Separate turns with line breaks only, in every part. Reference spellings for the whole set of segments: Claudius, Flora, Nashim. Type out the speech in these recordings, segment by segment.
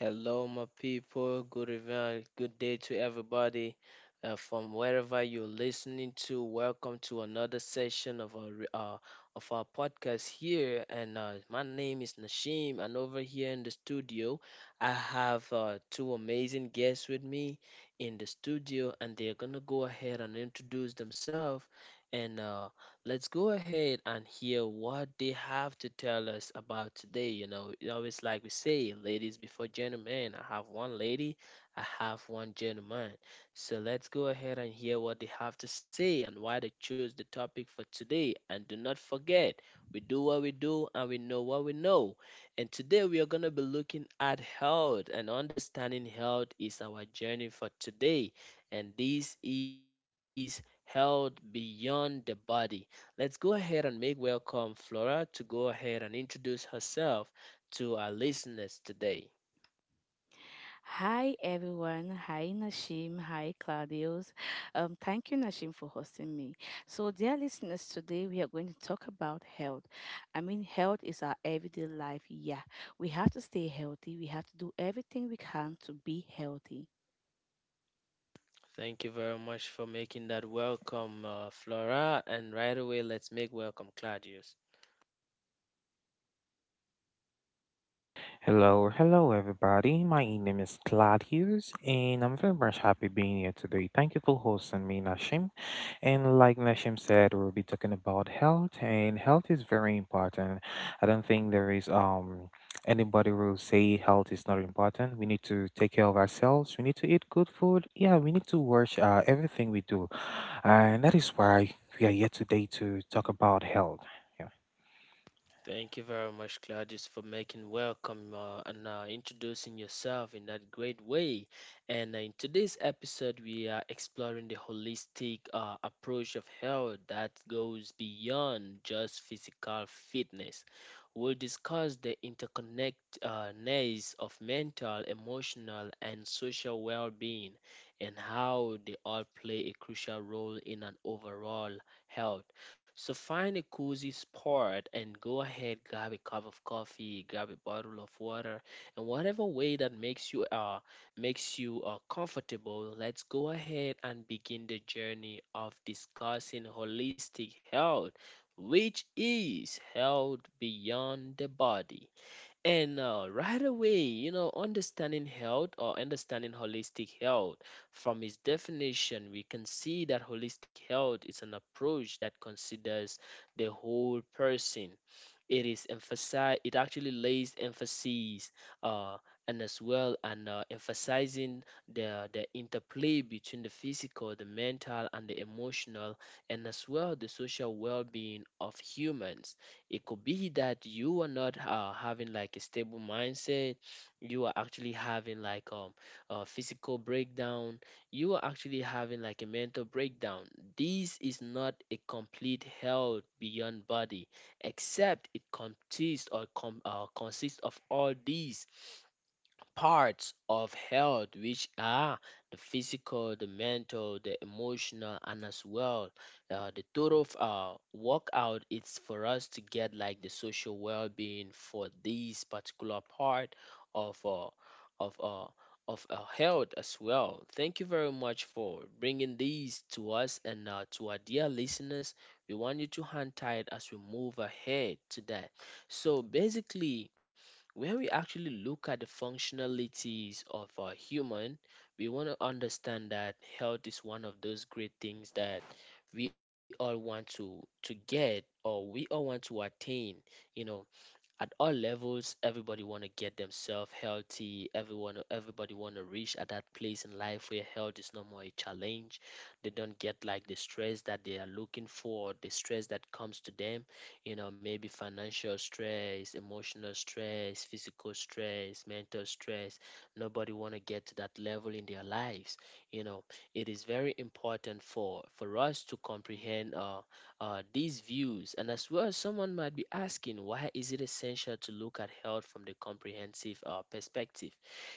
Hello, my people. Good evening. Good day to everybody from wherever you're listening to. Welcome to another session of of our podcast here. And my name is Nashim, and over here in the studio, I have two amazing guests with me in the studio, and they're gonna go ahead and introduce themselves. And Let's go ahead and hear what they have to tell us about today. You know, it always like we say, ladies before gentlemen. I have one lady, I have one gentleman. So let's go ahead and hear what they have to say and why they chose the topic for today. And do not forget, we do what we do and we know what we know. And today we are going to be looking at health, and understanding health is our journey for today. And this is health beyond the body. Let's go ahead and make welcome Flora to go ahead and introduce herself to our listeners today.
Hi everyone. Hi Nashim. Hi Claudius. Thank you Nashim for hosting me. So dear listeners, today we are going to talk about health. I mean health is our everyday life. Yeah. We have to stay healthy. We have to do everything we can to be healthy.
Thank you very much for making that welcome, Flora. And right away, let's make welcome Claudius.
Hello, hello everybody. My name is Claudius and I'm very much happy being here today. Thank you for hosting me, Nashim. And like Nashim said, we'll be talking about health, and health is very important. I don't think there is anybody will say health is not important. We need to take care of ourselves. We need to eat good food. Yeah, we need to watch everything we do. And that is why we are here today to talk about health. Yeah.
Thank you very much, Claudius, for making welcome and introducing yourself in that great way. And In today's episode, we are exploring the holistic approach of health that goes beyond just physical fitness. We'll discuss the interconnectedness of mental, emotional, and social well being, and how they all play a crucial role in an overall health. So find a cozy spot and go ahead, grab a cup of coffee, grab a bottle of water, and whatever way that makes you comfortable. Let's go ahead and begin the journey of discussing holistic health, which is health beyond the body. And Right away, you know, understanding health or understanding holistic health, from its definition, we can see that holistic health is an approach that considers the whole person. It is emphasize. It actually lays emphasis, uh, and emphasizing the interplay between the physical, the mental, and the emotional, and as well the social well-being of humans. It could be that you are not having like a stable mindset. You are actually having like a physical breakdown. You are actually having like a mental breakdown. This is not a complete health beyond body except it consists of all these parts of health, which are the physical, the mental, the emotional, and as well the total workout. It's for us to get like the social well-being for this particular part of uh, of uh, of health as well. Thank you very much for bringing these to us, and to our dear listeners, we want you to hang tight as we move ahead to that. So basically, when we actually look at the functionalities of a human, we want to understand that health is one of those great things that we all want to get, or we all want to attain. You know, at all levels, everybody want to get themselves healthy. Everyone, everybody want to reach at that place in life where health is no more a challenge. They don't get like the stress that they are looking for, or the stress that comes to them. You know, maybe financial stress, emotional stress, physical stress, mental stress. Nobody want to get to that level in their lives. You know, it is very important for us to comprehend these views. And as well, someone might be asking, why is it essential to look at health from the comprehensive perspective?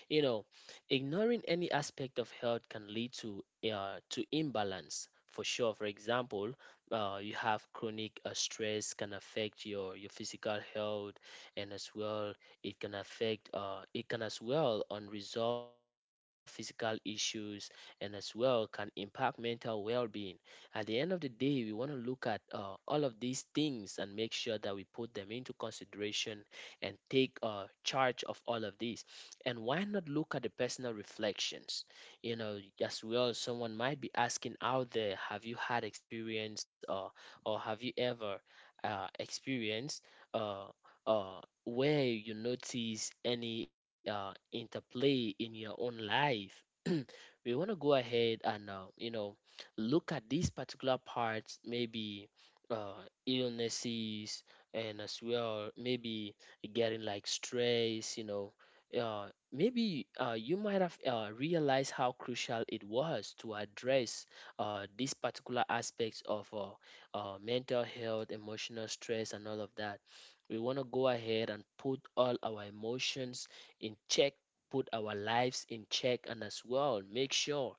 You know, ignoring any aspect of health can lead to imbalance. For sure, for example, you have chronic stress can affect your physical health, and as well, it can affect it can as well unresolved physical issues, and as well can impact mental well-being. At the end of the day, we want to look at all of these things and make sure that we put them into consideration and take charge of all of these. And why not look at the personal reflections? You know, as well, someone might be asking out there, have you had experience, or have you ever experienced uh, where you notice any interplay in your own life? We want to go ahead and look at these particular parts, maybe uh, illnesses, and as well, maybe getting like stress, maybe you might have realized how crucial it was to address these particular aspects of mental health, emotional stress, and all of that. We want to go ahead and put all our emotions in check, put our lives in check, and as well make sure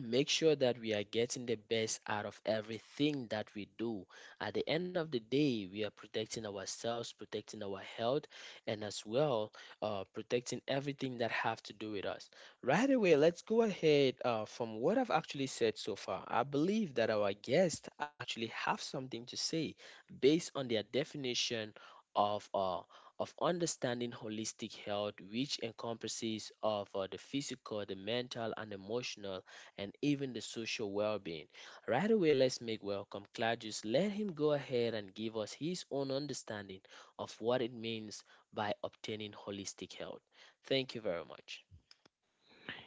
make sure that we are getting the best out of everything that we do. At the end of the day, we are protecting ourselves, protecting our health, and as well, protecting everything that have to do with us. Right away, let's go ahead. From what I've actually said so far, I believe that our guests actually have something to say based on their definition of uh, of understanding holistic health, which encompasses of the physical, the mental, and emotional, and even the social well being. Right away, let's make welcome Claudius. Let him go ahead and give us his own understanding of what it means by obtaining holistic health. Thank you very much.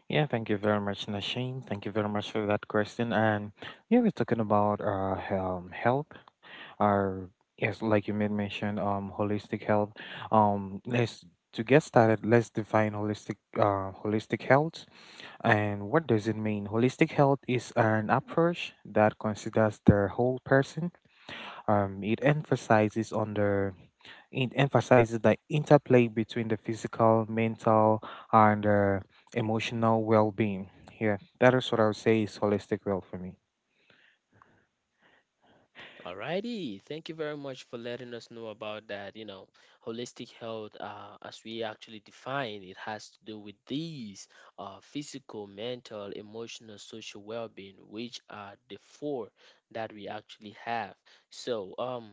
Yeah, thank you very much, Nasheen. Thank you very much for that question. And yeah, we're talking about health. Our Yes, like you made mention, holistic health. Let's To get started, let's define holistic health and what does it mean. Holistic health is an approach that considers the whole person. It emphasizes on the it emphasizes the interplay between the physical, mental, and emotional well-being. Yeah, that is what I would say is holistic well for me.
Alrighty, thank you very much for letting us know about that. You know, holistic health, as we actually define, it has to do with these physical, mental, emotional, social well-being, which are the four that we actually have. So,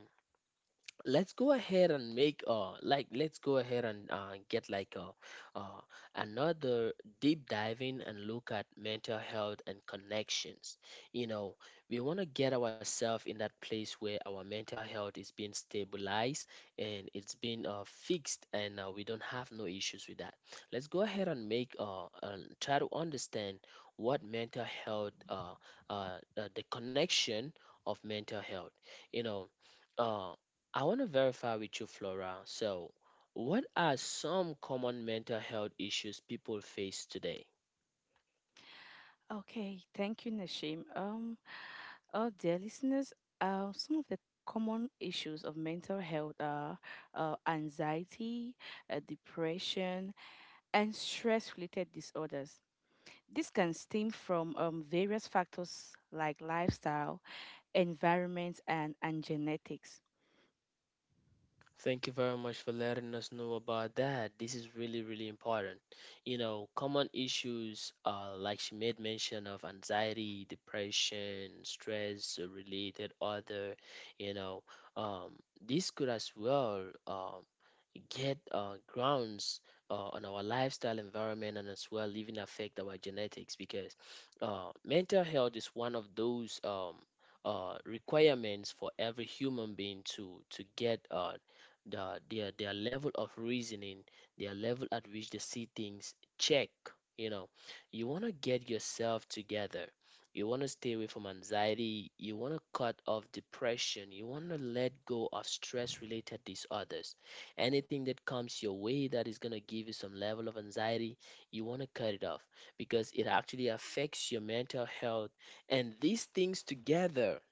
let's go ahead and make like let's go ahead and get like a uh, another deep diving and look at mental health and connections. You know, we want to get ourselves in that place where our mental health is being stabilized and it's been fixed, and we don't have no issues with that. Let's go ahead and make try to understand what mental health the connection of mental health, you know uh. I want to verify with you, Flora. So, what are some common mental health issues people face today?
Okay, thank you, Nashim. Dear listeners, some of the common issues of mental health are anxiety, depression, and stress-related disorders. This can stem from various factors like lifestyle, environment, and genetics.
Thank you very much for letting us know about that. This is really, really important. You know, common issues are like she made mention of anxiety, depression, stress, related other, you know, um, this could as well um, get grounds on our lifestyle, environment, and as well even affect our genetics, because mental health is one of those requirements for every human being to get their level of reasoning, their level at which they see things check. You know, you want to get yourself together. You want to stay away from anxiety, you want to cut off depression, you want to let go of stress related disorders. Anything that comes your way that is going to give you some level of anxiety, you want to cut it off, because it actually affects your mental health. And these things together,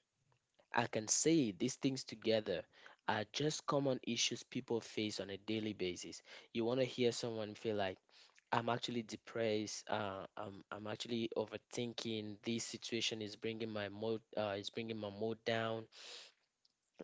I can say these things together are just common issues people face on a daily basis. You want to hear someone feel like, I'm actually depressed. I'm actually overthinking. This situation is bringing my mood. Is bringing my mood down.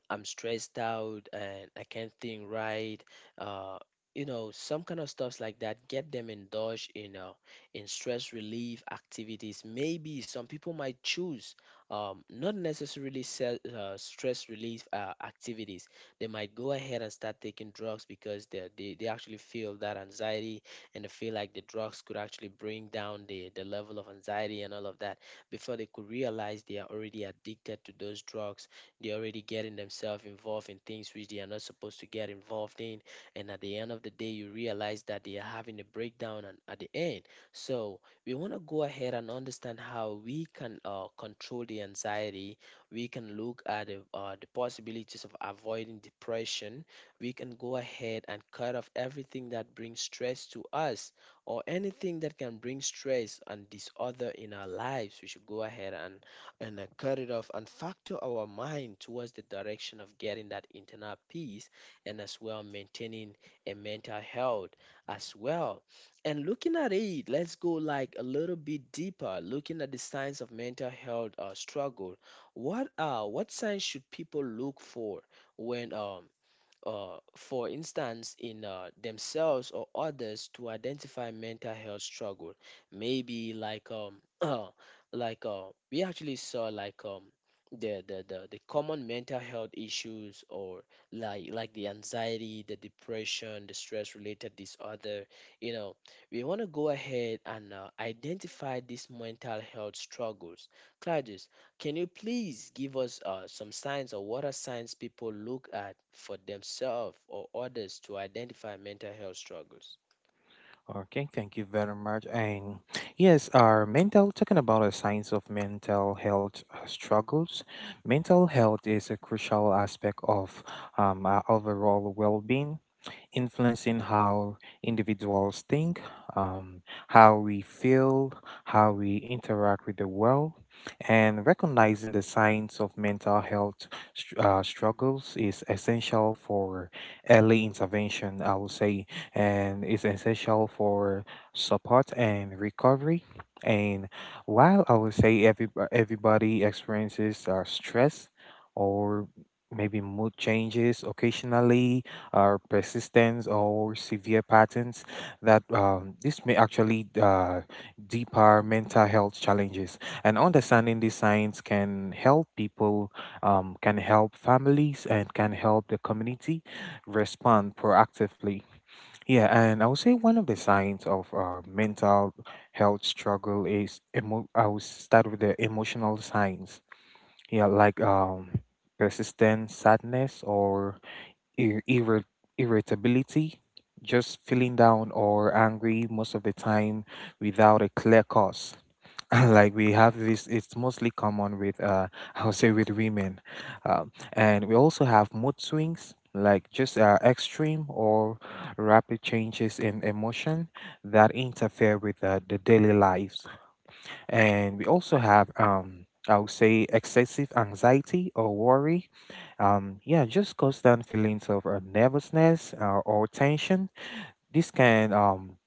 I'm stressed out and I can't think right. Uh, you know, some kind of stuffs like that. Get them indulged in stress relief activities. Maybe some people might choose not necessarily stress relief activities. They might go ahead and start taking drugs because they actually feel that anxiety, and they feel like the drugs could actually bring down the level of anxiety and all of that. Before they could realize, they are already addicted to those drugs. They're already getting themselves involved in things which they are not supposed to get involved in. And at the end of the day, you realize that they are having a breakdown and at the end. So we want to go ahead and understand how we can control the anxiety. We can look at the possibilities of avoiding depression. We can go ahead and cut off everything that brings stress to us, or anything that can bring stress and disorder in our lives. We should go ahead and cut it off and factor our mind towards the direction of getting that internal peace, and as well maintaining a mental health as well. And looking at it, let's go like a little bit deeper, looking at the signs of mental health struggle. What signs should people look for when for instance, in themselves or others to identify mental health struggle. Maybe like uh, we actually saw the common mental health issues or like the anxiety, the depression, the stress related disorder. You know, we want to go ahead and identify these mental health struggles. Claudius, can you please give us some signs, or what are signs people look at for themselves or others to identify mental health struggles?
Okay, thank you very much. And yes, our mental, talking about the signs of mental health struggles, mental health is a crucial aspect of our overall well being, influencing how individuals think, um, how we feel, how we interact with the world. And recognizing the signs of mental health struggles is essential for early intervention, I would say, and is essential for support and recovery. And while I would say every, everybody experiences stress or maybe mood changes occasionally, or persistence or severe patterns that this may actually deeper mental health challenges, and understanding these signs can help people, can help families, and can help the community respond proactively. Yeah, and I would say one of the signs of mental health struggle is I will start with the emotional signs. Yeah, like persistent sadness or ir- irri- irritability, just feeling down or angry most of the time without a clear cause. Like we have this, it's mostly common with, I would say, with women, and we also have mood swings, like just extreme or rapid changes in emotion that interfere with the daily lives, and we also have. I would say excessive anxiety or worry, yeah, just constant feelings of nervousness or tension. This can um,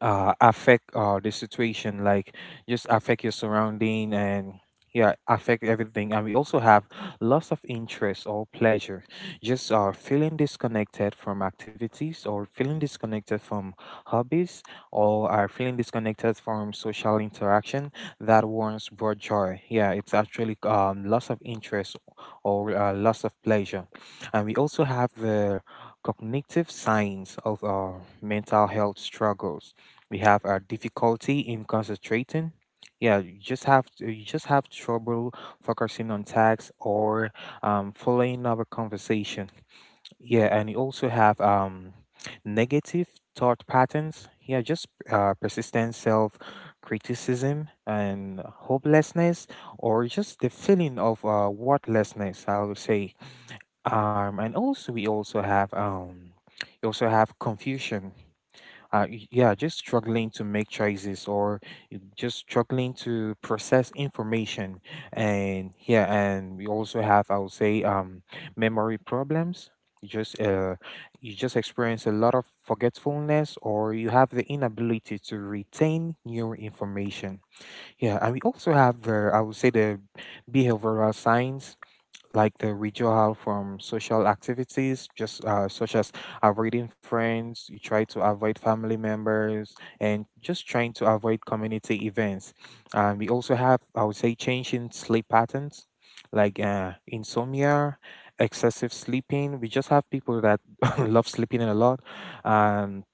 uh, affect the situation, like just affect your surrounding, and yeah, affect everything. And we also have loss of interest or pleasure, just feeling disconnected from activities, or feeling disconnected from hobbies, or are feeling disconnected from social interaction that once brought joy. Yeah, it's actually loss of interest or loss of pleasure. And we also have the cognitive signs of our mental health struggles. We have our difficulty in concentrating. Yeah, you just you just have trouble focusing on tasks or following up a conversation. Yeah, and you also have negative thought patterns. Yeah, just persistent self criticism and hopelessness, or just the feeling of worthlessness, I would say. And also We also have you also have confusion. Yeah, just struggling to make choices or just struggling to process information. And yeah, and we also have, I would say, memory problems. You just uh, you just experience a lot of forgetfulness, or you have the inability to retain new information. Yeah, and we also have, the, I would say, the behavioral science, like the withdrawal from social activities, just such as avoiding friends, you try to avoid family members, and just trying to avoid community events. We also have, I would say, changing sleep patterns, like insomnia, excessive sleeping. We just have people that love sleeping a lot, and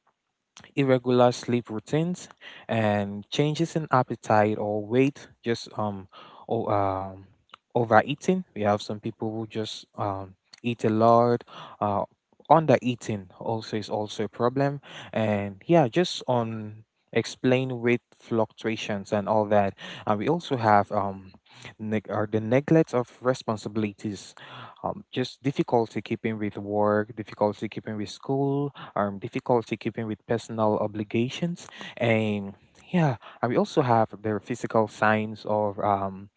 irregular sleep routines, and changes in appetite or weight, just or, um, overeating. We have some people who just eat a lot. Uh, Under eating also is also a problem, and yeah, just on explain weight fluctuations and all that. And we also have neg- or the neglect of responsibilities, just difficulty keeping with work, difficulty keeping with school, difficulty keeping with personal obligations, and yeah, and we also have their physical signs of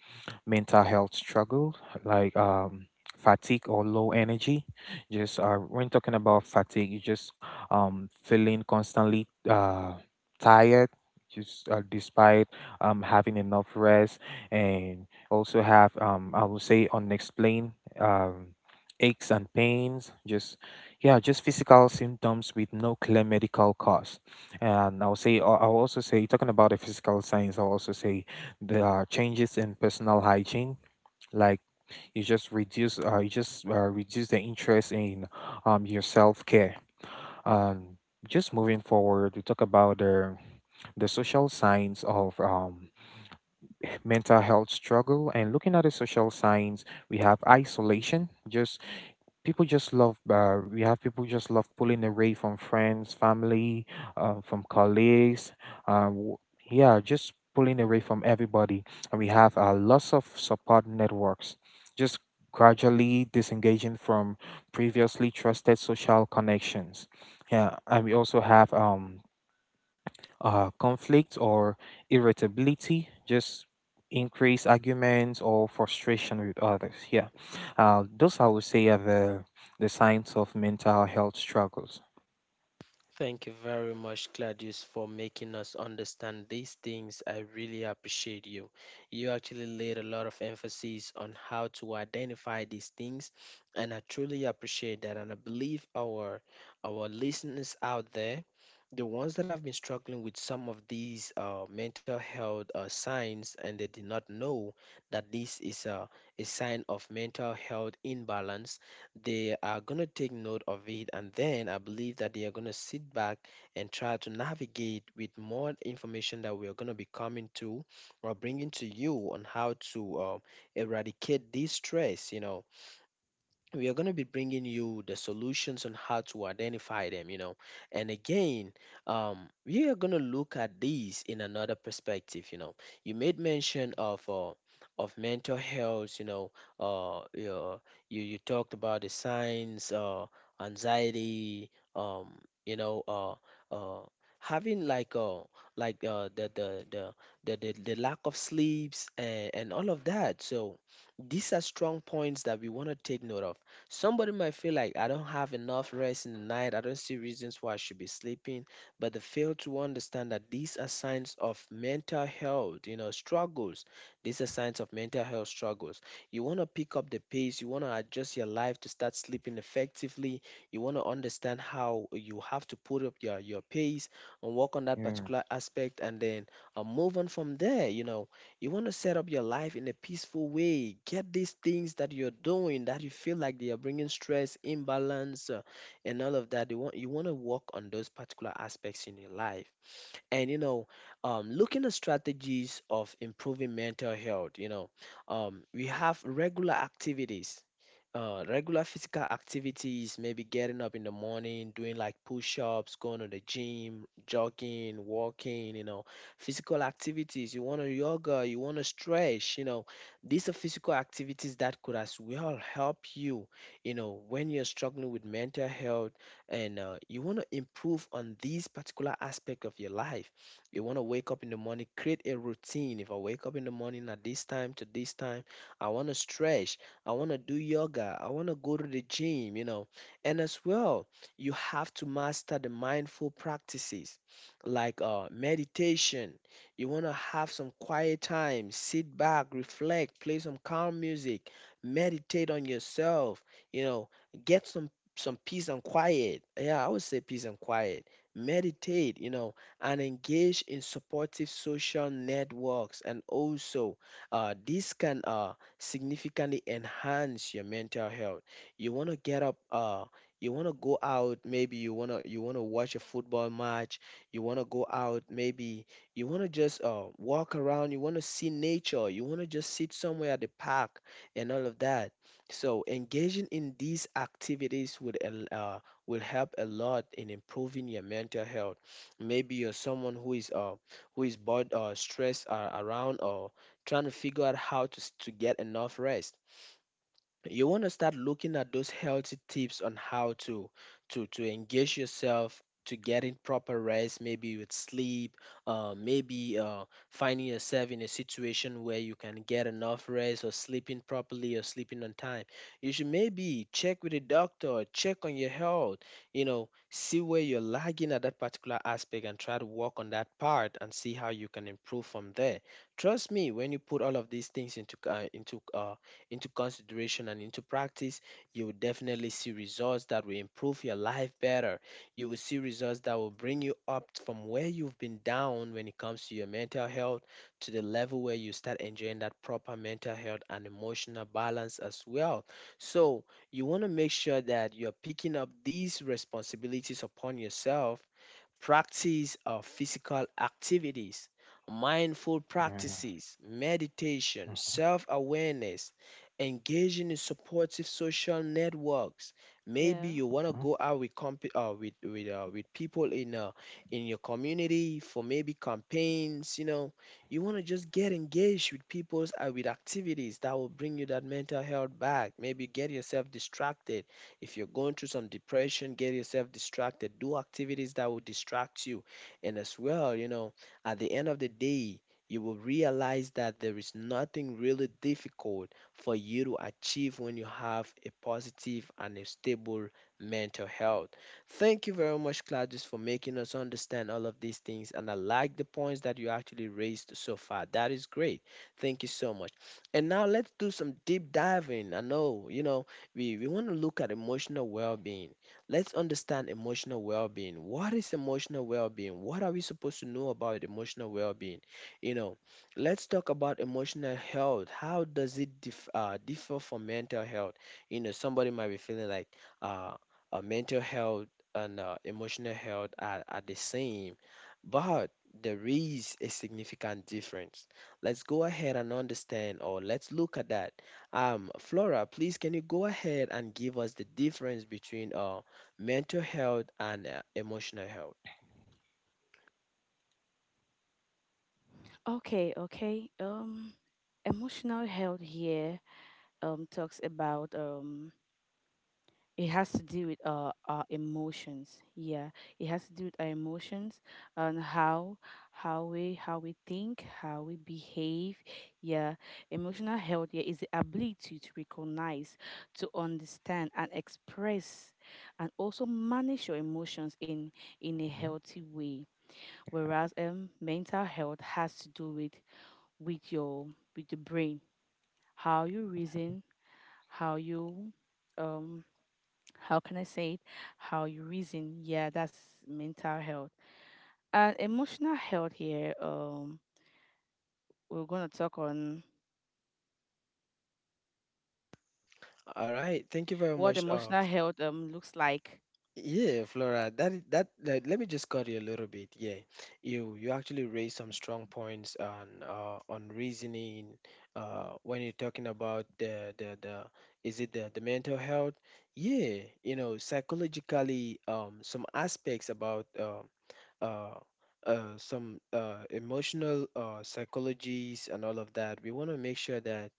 mental health struggle, like fatigue or low energy. Just when talking about fatigue, you just feeling constantly tired, just despite having enough rest. And also have, I would say, unexplained um aches and pains, just yeah, just physical symptoms with no clear medical cause. And I'll also say, talking about the physical signs, I'll also say there are changes in personal hygiene, like you just you just reduce the interest in your self care. Um, just moving forward, we talk about the social signs of mental health struggle, and looking at the social signs, we have isolation. Just people just love we have people just love pulling away from friends, family, from colleagues, uh, w- yeah, just pulling away from everybody. And we have lots of support networks just gradually disengaging from previously trusted social connections. Yeah, and we also have conflict or irritability, just increased arguments or frustration with others. Yeah, those I would say are the signs of mental health struggles.
Thank you very much, Claudius, for making us understand these things. I really appreciate you. You actually laid a lot of emphasis on how to identify these things, and I truly appreciate that. And I believe our listeners out there, the ones that have been struggling with some of these mental health signs, and they did not know that this is a sign of mental health imbalance, they are going to take note of it, and then I believe that they are going to sit back and try to navigate with more information that we are going to be coming to or bringing to you on how to eradicate this stress. You know, we are going to be bringing you the solutions on how to identify them, you know. And again, we are going to look at these in another perspective. You know, you made mention of mental health, you know. uh, you, you talked about the signs, anxiety, you know, uh, having like the lack of sleeps, and all of that. So these are strong points that we want to take note of. Somebody might feel like I don't have enough rest in the night, I don't see reasons why I should be sleeping, but they fail to understand that these are signs of mental health, you know, struggles. These are signs of mental health struggles. You want to pick up the pace, you want to adjust your life to start sleeping effectively. You want to understand how you have to put up your pace and work on that
Yeah,
particular aspect, and then move on from there. You know, you want to set up your life in a peaceful way. Get these things that you're doing that you feel like they are bringing stress, imbalance, and all of that. You want to work on those particular aspects in your life. And you know, looking at strategies of improving mental health, you know, we have regular activities. Regular physical activities, maybe getting up in the morning, doing like push ups, going to the gym, jogging, walking, you know, physical activities. You want to yoga, you want to stretch, you know, these are physical activities that could as well help you, you know, when you're struggling with mental health, and you want to improve on these particular aspect of your life. You want to wake up in the morning, create a routine. If I wake up in the morning at this time to this time, I want to stretch, I want to do yoga, I want to go to the gym, you know. And as well, you have to master the mindful practices, like meditation. You want to have some quiet time, sit back, reflect, play some calm music, meditate on yourself, you know, get some peace and quiet. Yeah, I would say peace and quiet. Meditate, you know, and engage in supportive social networks. And also, this can significantly enhance your mental health. You want to get up, you want to go out. Maybe you want to watch a football match. You want to go out. Maybe you want to just walk around. You want to see nature. You want to just sit somewhere at the park and all of that. So engaging in these activities will help a lot in improving your mental health. Maybe you're someone who is bored or stressed around, or trying to figure out how to to get enough rest. You want to start looking at those healthy tips on how to engage yourself to getting proper rest, maybe with sleep, maybe finding yourself in a situation where you can get enough rest, or sleeping properly, or sleeping on time. You should maybe check with a doctor, check on your health, you know, see where you're lagging at that particular aspect, and try to work on that part and see how you can improve from there. Trust me, when you put all of these things into consideration and into practice, you will definitely see results that will improve your life better. You will see results that will bring you up from where you've been down when it comes to your mental health, to the level where you start enjoying that proper mental health and emotional balance as well. So, you want to make sure that you're picking up these responsibilities upon yourself. Practice of physical activities, mindful
yeah,
practices, meditation,
uh-huh,
self awareness, engaging in supportive social networks. Maybe
Yeah.
you want to go out with with with people in your community for maybe campaigns. You know, you want to just get engaged with people with activities that will bring you that mental health back. Maybe get yourself distracted, if you're going through some depression. Get yourself distracted. Do activities that will distract you. And as well, you know, at the end of the day, you will realize that there is nothing really difficult for you to achieve when you have a positive and a stable mental health. Thank you very much, Claudius, for making us understand all of these things. And I like the points that you actually raised so far. That is great. Thank you so much. And now let's do some deep diving. I know, you know, we want to look at emotional well-being. Let's understand emotional well-being. What is emotional well-being? What are we supposed to know about emotional well-being? You know, let's talk about emotional health. How does it differ from mental health? You know, somebody might be feeling like uh, mental health and emotional health are the same, but there is a significant difference. Let's go ahead and understand, or let's look at that. Um, Flora, please, can you go ahead and give us the difference between mental health and emotional health?
Okay, okay. Emotional health here talks about it has to do with our emotions. Yeah, it has to do with our emotions and how we think, how we behave. Yeah, emotional health, yeah, is the ability to recognize, to understand, and express, and also manage your emotions in a
mhm,
healthy way. Whereas mental health has to do with your with the brain, how you reason, how you um how can I say it? How you reason. Yeah, that's mental health. And emotional health here, we're gonna talk on
All right, thank you very
what
much.
emotional health looks like.
Yeah, Flora, that is- that like, let me just cut you a little bit. Yeah, you actually raised some strong points on reasoning when you're talking about the is it the mental health? Yeah, you know, psychologically, some aspects about uh, some emotional psychologies and all of that. We want to make sure that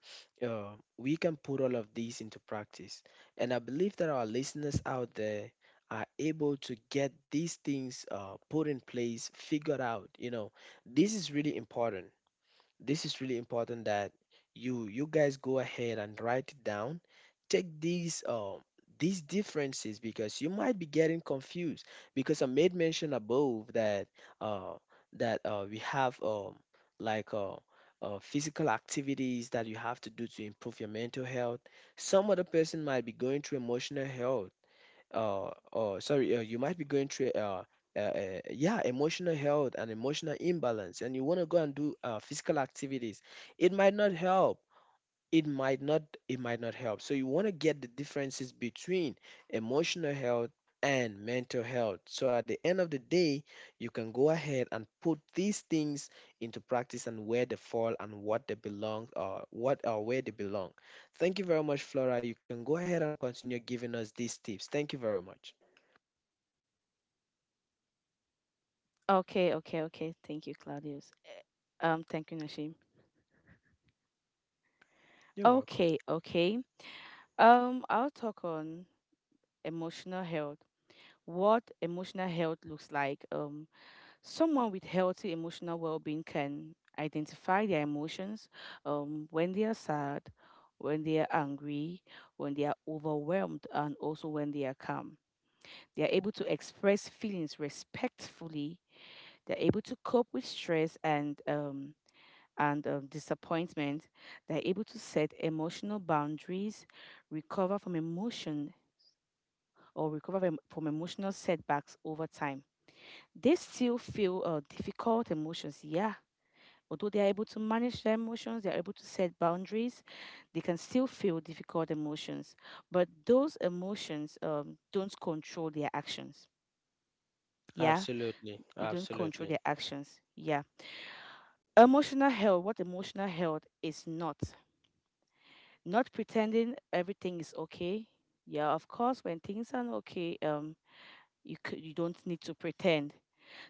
we can put all of these into practice. And I believe that our listeners out there are able to get these things put in place, figured out. You know, this is really important. This is really important that you guys go ahead and write it down, take these differences, because you might be getting confused. Because I made mention above that uh we have like uh, physical activities that you have to do to improve your mental health. Some other person might be going through emotional health. Oh, oh, sorry. You might be going through yeah, emotional health and emotional imbalance, and you want to go and do physical activities. It might not help. It might not. It might not help. So you want to get the differences between emotional health and mental health. So at the end of the day, you can go ahead and put these things into practice, and where they fall and what they belong, or what or where they belong. Thank you very much, Flora. You can go ahead and continue giving us these tips. Thank you very much.
Okay, okay, okay. Thank you, Claudius. Thank you, Nashim.
You're welcome.
Okay, okay. I'll talk on emotional health. What emotional health looks like. Someone with healthy emotional well being can identify their emotions when they are sad, when they are angry, when they are overwhelmed, and also when they are calm. They are able to express feelings respectfully, they're able to cope with stress and disappointment, they're able to set emotional boundaries, recover from emotion or recover from emotional setbacks over time. They still feel difficult emotions, yeah. Although they are able to manage their emotions, they are able to set boundaries, they can still feel difficult emotions. But those emotions don't control their actions. Yeah,
Absolutely.
they don't control
Absolutely.
their actions. Yeah. Emotional health, what emotional health is not. Not pretending everything is okay. Yeah, of course, when things are not okay, you don't need to pretend,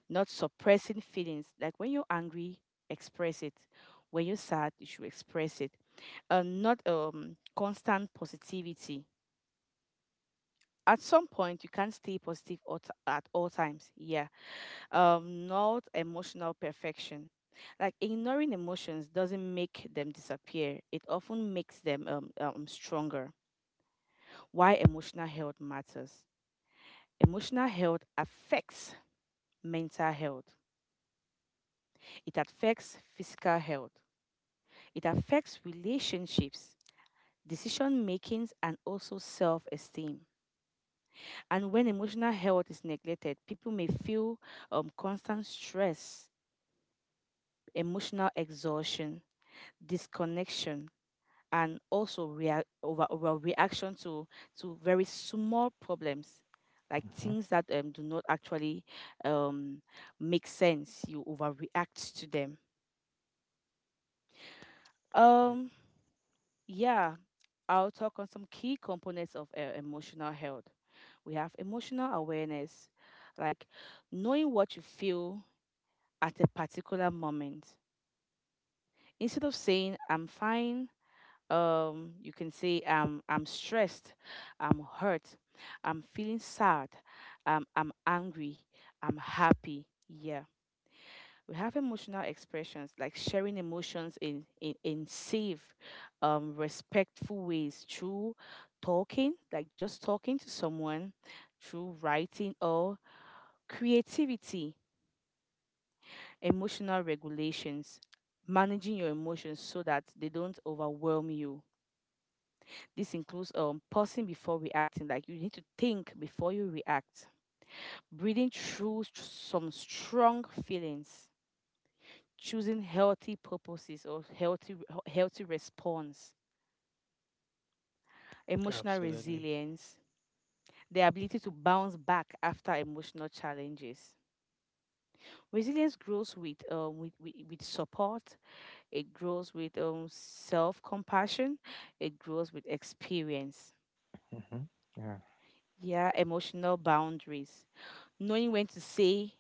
not suppressing feelings. Like when you're angry, express it. When you're sad, you should express it. Not constant positivity. At some point, you can't stay positive at all times. Yeah. Not emotional perfection. Like ignoring emotions doesn't make them disappear. It often makes them stronger. Why emotional health matters. Emotional health affects mental health. It affects physical health. It affects relationships, decision makings, and also self esteem. And when emotional health is neglected, people may feel constant stress, emotional exhaustion, disconnection, and also overreaction to very small problems, like
mhm,
things that do not actually um, make sense. You overreact to them. Um, yeah, I'll talk on some key components of emotional health. We have emotional awareness, like knowing what you feel at a particular moment. Instead of saying I'm fine, you can say I'm stressed, I'm hurt, I'm feeling sad, I'm angry, I'm happy. Yeah, we have emotional expressions like sharing emotions in safe, respectful ways through talking, like just talking to someone through writing or creativity. Emotional regulations, managing your emotions so that they don't overwhelm you. This includes pausing before reacting, like you need to think before you react, breathing through some strong feelings, choosing healthy purposes or healthy response, emotional
Absolutely.
resilience, the ability to bounce back after emotional challenges. Resilience grows with with support, it grows with self compassion, it grows with experience.
mhm, yeah,
Yeah, emotional boundaries. Knowing when to say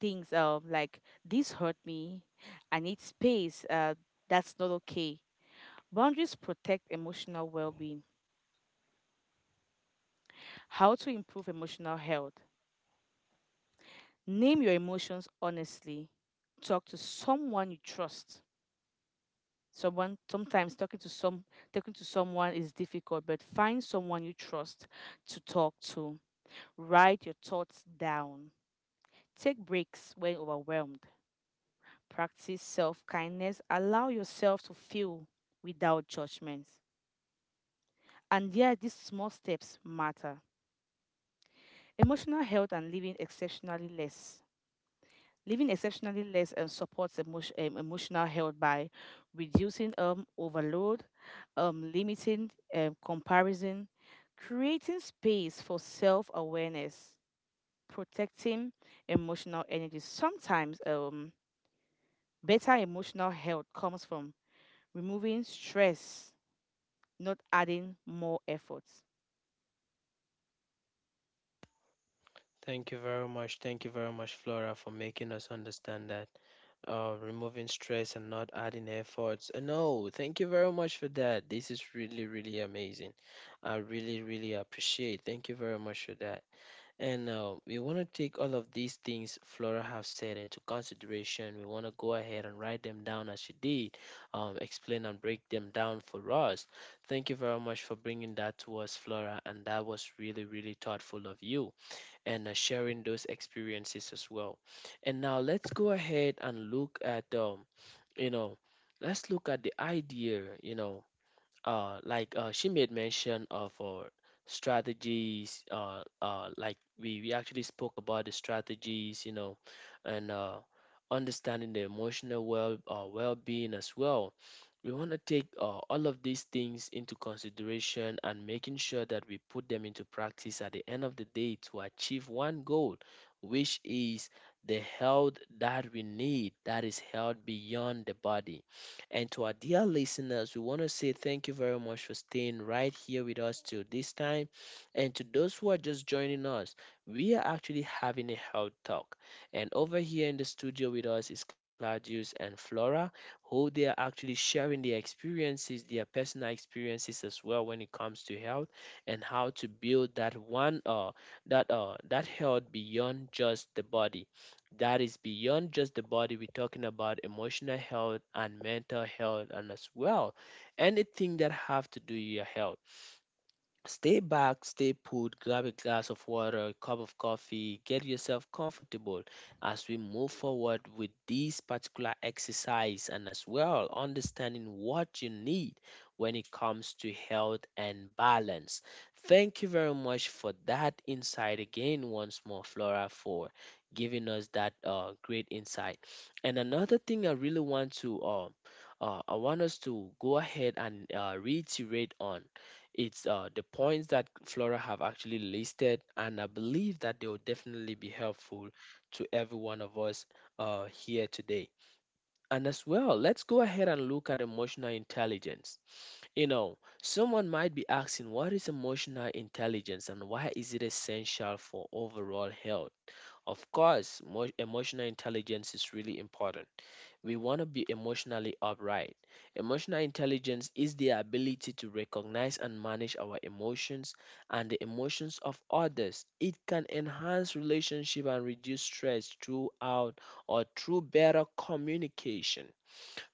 things like this hurt me, I need space, that's not okay. Boundaries protect emotional well being. How to improve emotional health. Name your emotions honestly. Talk to someone you trust. Someone sometimes talking to some talking to someone is difficult, but find someone you trust to talk to. Write your thoughts down. Take breaks when overwhelmed. Practice self-kindness. Allow yourself to feel without judgment. And yeah, these small steps matter. Emotional health and living exceptionally less. Living exceptionally less supports emotional health by reducing overload, limiting comparison, creating space for self awareness, protecting emotional energy. Sometimes better emotional health comes from removing stress, not adding more effort.
Thank you very much. Thank you very much, Flora, for making us understand that, removing stress and not adding efforts. No, thank you very much for that. This is really, really amazing. I really, really appreciate. Thank you very much for that. And we want to take all of these things Flora have said into consideration. We want to go ahead and write them down as she did, explain and break them down for us. Thank you very much for bringing that to us, Flora, and that was really, really thoughtful of you, and sharing those experiences as well. And now let's go ahead and look at, you know, let's look at the idea, like she made mention of strategies. Like we actually spoke about the strategies, and understanding the emotional well being as well. We want to take all of these things into consideration and making sure that we put them into practice at the end of the day to achieve one goal, which is the health that we need that is held beyond the body. And to our dear listeners, we want to say thank you very much for staying right here with us till this time. And to those who are just joining us, we are actually having a health talk. And over here in the studio with us is Claudius and Flora, who they are actually sharing their experiences, their personal experiences as well when it comes to health and how to build that one that that health beyond just the body, that is beyond just the body. We're talking about emotional health and mental health and as well anything that have to do with your health. Stay back, stay put, grab a glass of water, a cup of coffee, get yourself comfortable as we move forward with this particular exercise and as well understanding what you need when it comes to health and balance. Thank you very much for that insight again, once more, Flora, for giving us that great insight. And another thing I really want to I want us to go ahead and reiterate on it's the points that Flora have actually listed, and I believe that they will definitely be helpful to every one of us here today. And as well, let's go ahead and look at emotional intelligence. Someone might be asking, what is emotional intelligence and why is it essential for overall health? Of course, emotional intelligence is really important. We want to be emotionally upright. Emotional intelligence is the ability to recognize and manage our emotions and the emotions of others. It can enhance relationship and reduce stress throughout or through better communication.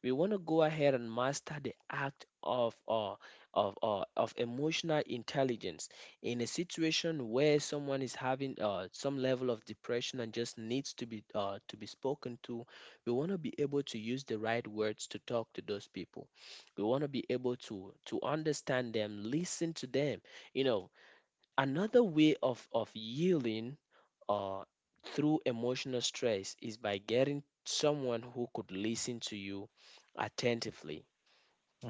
We want to go ahead and master the act of emotional intelligence in a situation where someone is having some level of depression and just needs to be spoken to. We want to be able to use the right words to talk to those people. We want to be able to understand them, listen to them, you know another way of yielding uh, through emotional stress is by getting someone who could listen to you attentively.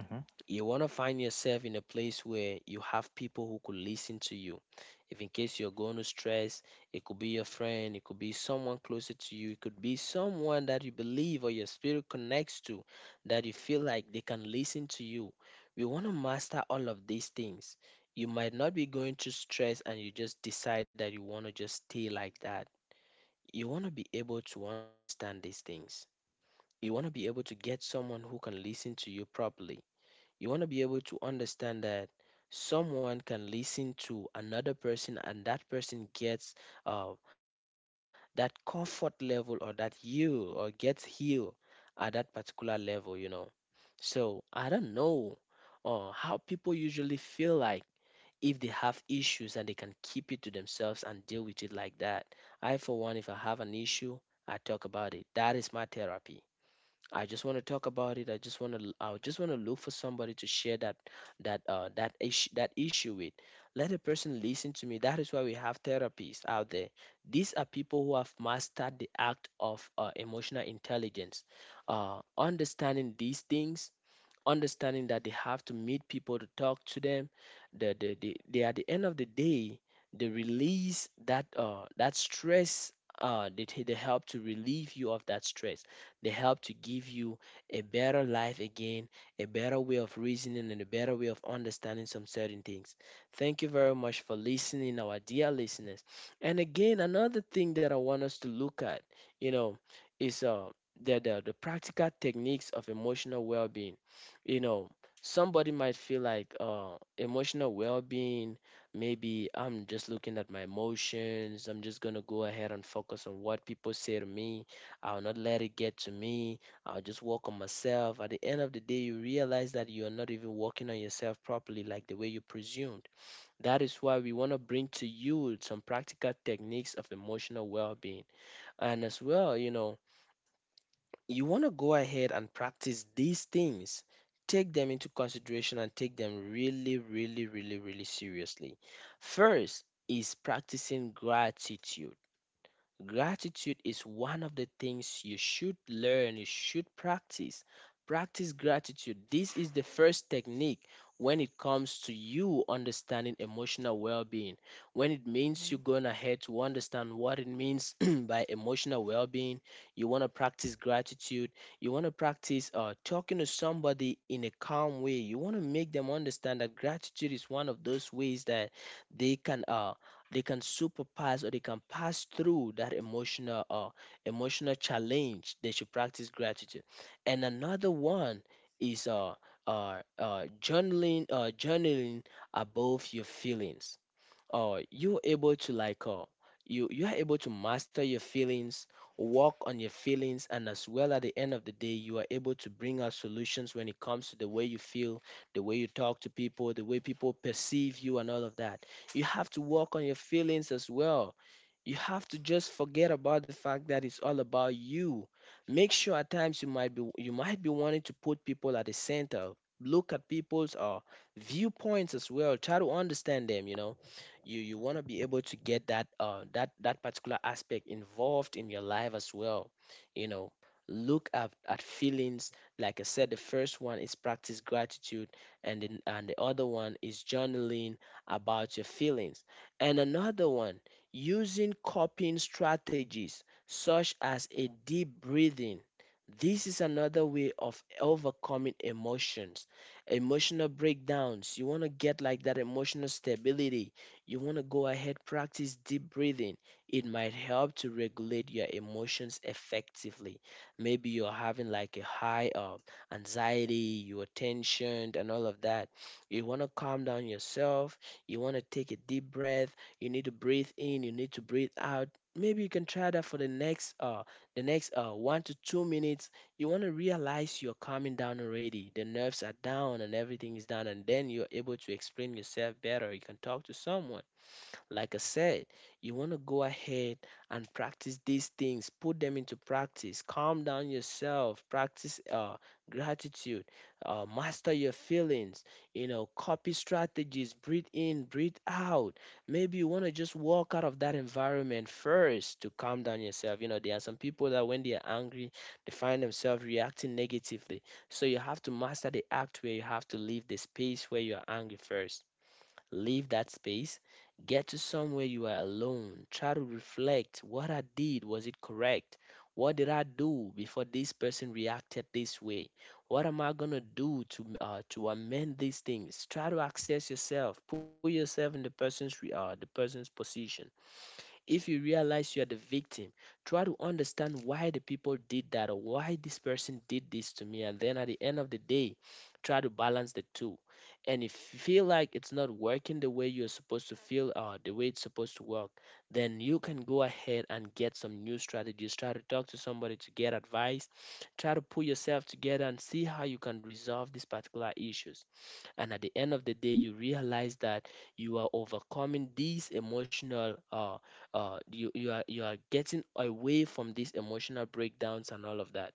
uh-huh,
You want to find yourself in a place where you have people who could listen to you. If in case you're going to stress, it could be your friend, it could be someone closer to you, it could be someone that you believe or your spirit connects to, that you feel like they can listen to you. We want to master all of these things. You might not be going through stress and you just decide that you want to just stay like that. You want to be able to understand these things. You want to be able to get someone who can listen to you properly. You want to be able to understand that someone can listen to another person and that person gets uh, that comfort level, or that you or gets healed at that particular level. So I don't know how people usually feel like if they have issues and they can keep it to themselves and deal with it like that. I, for one, if I have an issue, I talk about it. That is my therapy. I just want to talk about it. I just want to. I just want to look for somebody to share that issue with. Let a person listen to me. That is why we have therapists out there. These are people who have mastered the act of emotional intelligence. Understanding these things, understanding that they have to meet people to talk to them. They at the end of the day, they release that stress. They help to relieve you of that stress. They help to give you a better life again, a better way of reasoning, and a better way of understanding some certain things. Thank you very much for listening, our dear listeners. And again, another thing that I want us to look at, you know, is the practical techniques of emotional well being. you know Somebody might feel like emotional well-being. Maybe I'm just looking at my emotions. I'm just gonna go ahead and focus on what people say to me. I'll not let it get to me. I'll just work on myself. At the end of the day, you realize that you're not even working on yourself properly like the way you presumed. That is why we want to bring to you some practical techniques of emotional well-being. And as well, you want to go ahead and practice these things, take them into consideration, and take them really, really, really, really seriously. First is practicing gratitude. Gratitude is one of the things you should learn, you should practice. Practice gratitude. This is the first technique when it comes to you understanding emotional well being. When it means
Yeah.
you're going ahead to understand what it means by emotional well being, you want to practice gratitude. You want to practice talking to somebody in a calm way. You want to make them understand that gratitude is one of those ways that they can. They can superpass, or they can pass through that emotional challenge. They should practice gratitude. And another one is journaling above your feelings. You're able to, like, you are able to master your feelings, work on your feelings, and as well at the end of the day you are able to bring out solutions when it comes to the way you feel, the way you talk to people, the way people perceive you, and all of that. You have to work on your feelings as well. You have to just forget about the fact that it's all about you. Make sure at times you might be wanting to put people at the center. Look at people's viewpoints as well, try to understand them. You want to be able to get that particular aspect involved in your life as well you know Look at, feelings. Like I said, the first one is practice gratitude. And then, and the other one is journaling about your feelings. And another one, using coping strategies such as a deep breathing. This is another way of overcoming emotions, emotional breakdowns. You want to get, like, that emotional stability. You want to go ahead, practice deep breathing. It might help to regulate your emotions effectively. Maybe you're having like a high of anxiety, you're tensioned and all of that. You want to calm down yourself. You want to take a deep breath. You need to breathe in, you need to breathe out. Maybe you can try that for the next 1 to 2 minutes. You want to realize you're calming down already. The nerves are down and everything is down, and then you're able to explain yourself better. You can talk to someone. Like I said, you want to go ahead and practice these things, put them into practice, calm down yourself, practice gratitude, master your feelings, copy strategies, breathe in, breathe out. Maybe you want to just walk out of that environment first to calm down yourself. There are some people that when they are angry, they find themselves reacting negatively. So you have to master the act where you have to leave the space where you are angry first. Leave that space. Get to somewhere you are alone. Try to reflect what I did, was it correct? What did I do before this person reacted this way? What am I gonna do to amend these things? Try to access yourself. Put yourself in the the person's position. If you realize you're the victim, try to understand why the people did that or why this person did this to me. And then at the end of the day, try to balance the two. And if you feel like it's not working the way you're supposed to feel or the way it's supposed to work, then you can go ahead and get some new strategies. Try to talk to somebody to get advice. Try to pull yourself together and see how you can resolve these particular issues, and at the end of the day you realize that you are overcoming these emotional you are you are getting away from these emotional breakdowns and all of that.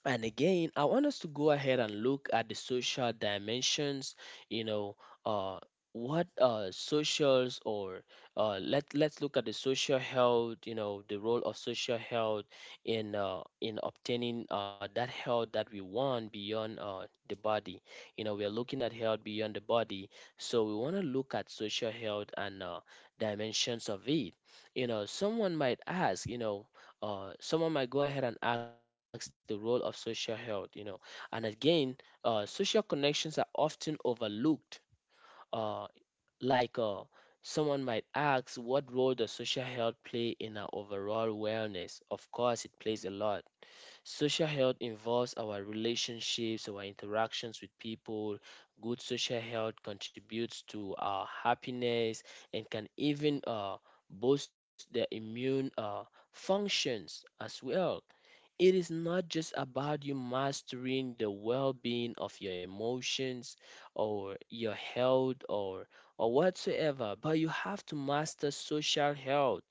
And again, I want us to go ahead and look at the social dimensions, you know, uh, what socials, or let's look at the social health, you know, the role of social health in obtaining that health that we want beyond the body. You know, we are looking at health beyond the body, so we want to look at social health and dimensions of it. You know, someone might ask, someone might go ahead and ask the role of social health, you know. And again, social connections are often overlooked. Uh, like uh, Someone might ask, what role does social health play in our overall wellness? Of course, it plays a lot. Social health involves our relationships, our interactions with people. Good social health contributes to our happiness and can even boost the immune functions as well. It is not just about you mastering the well-being of your emotions or your health or whatsoever, but you have to master social health.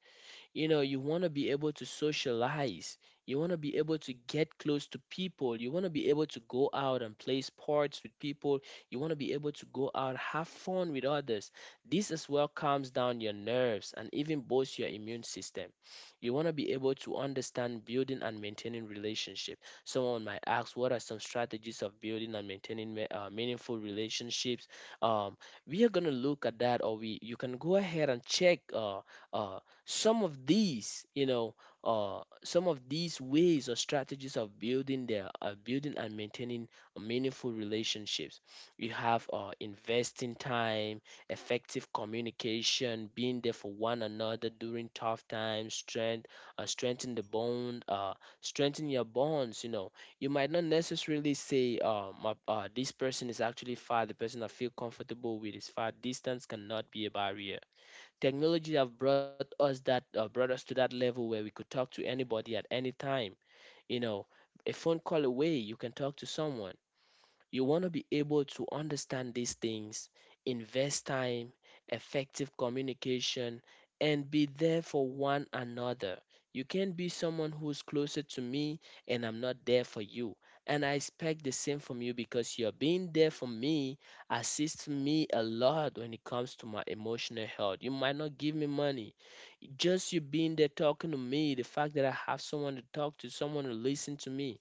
You know, you want to be able to socialize. You want to be able to get close to people. You want to be able to go out and play sports with people. You want to be able to go out, have fun with others. This as well calms down your nerves and even boosts your immune system. You want to be able to understand building and maintaining relationship. Someone might ask, what are some strategies of building and maintaining meaningful relationships? Um, we are gonna look at that, or we you can go ahead and check uh, some of these, some of these ways or strategies of building their building and maintaining meaningful relationships. You have investing time, effective communication, being there for one another during tough times, strengthen the bond, strengthen your bonds. You know, you might not necessarily say this person is actually far. The person I feel comfortable with is far. Distance cannot be a barrier. Technology have brought us that brought us to that level where we could talk to anybody at any time, you know. A phone call away, you can talk to someone. You want to be able to understand these things, invest time, effective communication, and be there for one another. You can't be someone who's closer to me and I'm not there for you. And I expect the same from you, because your being there for me assists me a lot when it comes to my emotional health. You might not give me money, just you being there talking to me, the fact that I have someone to talk to, someone to listen to me,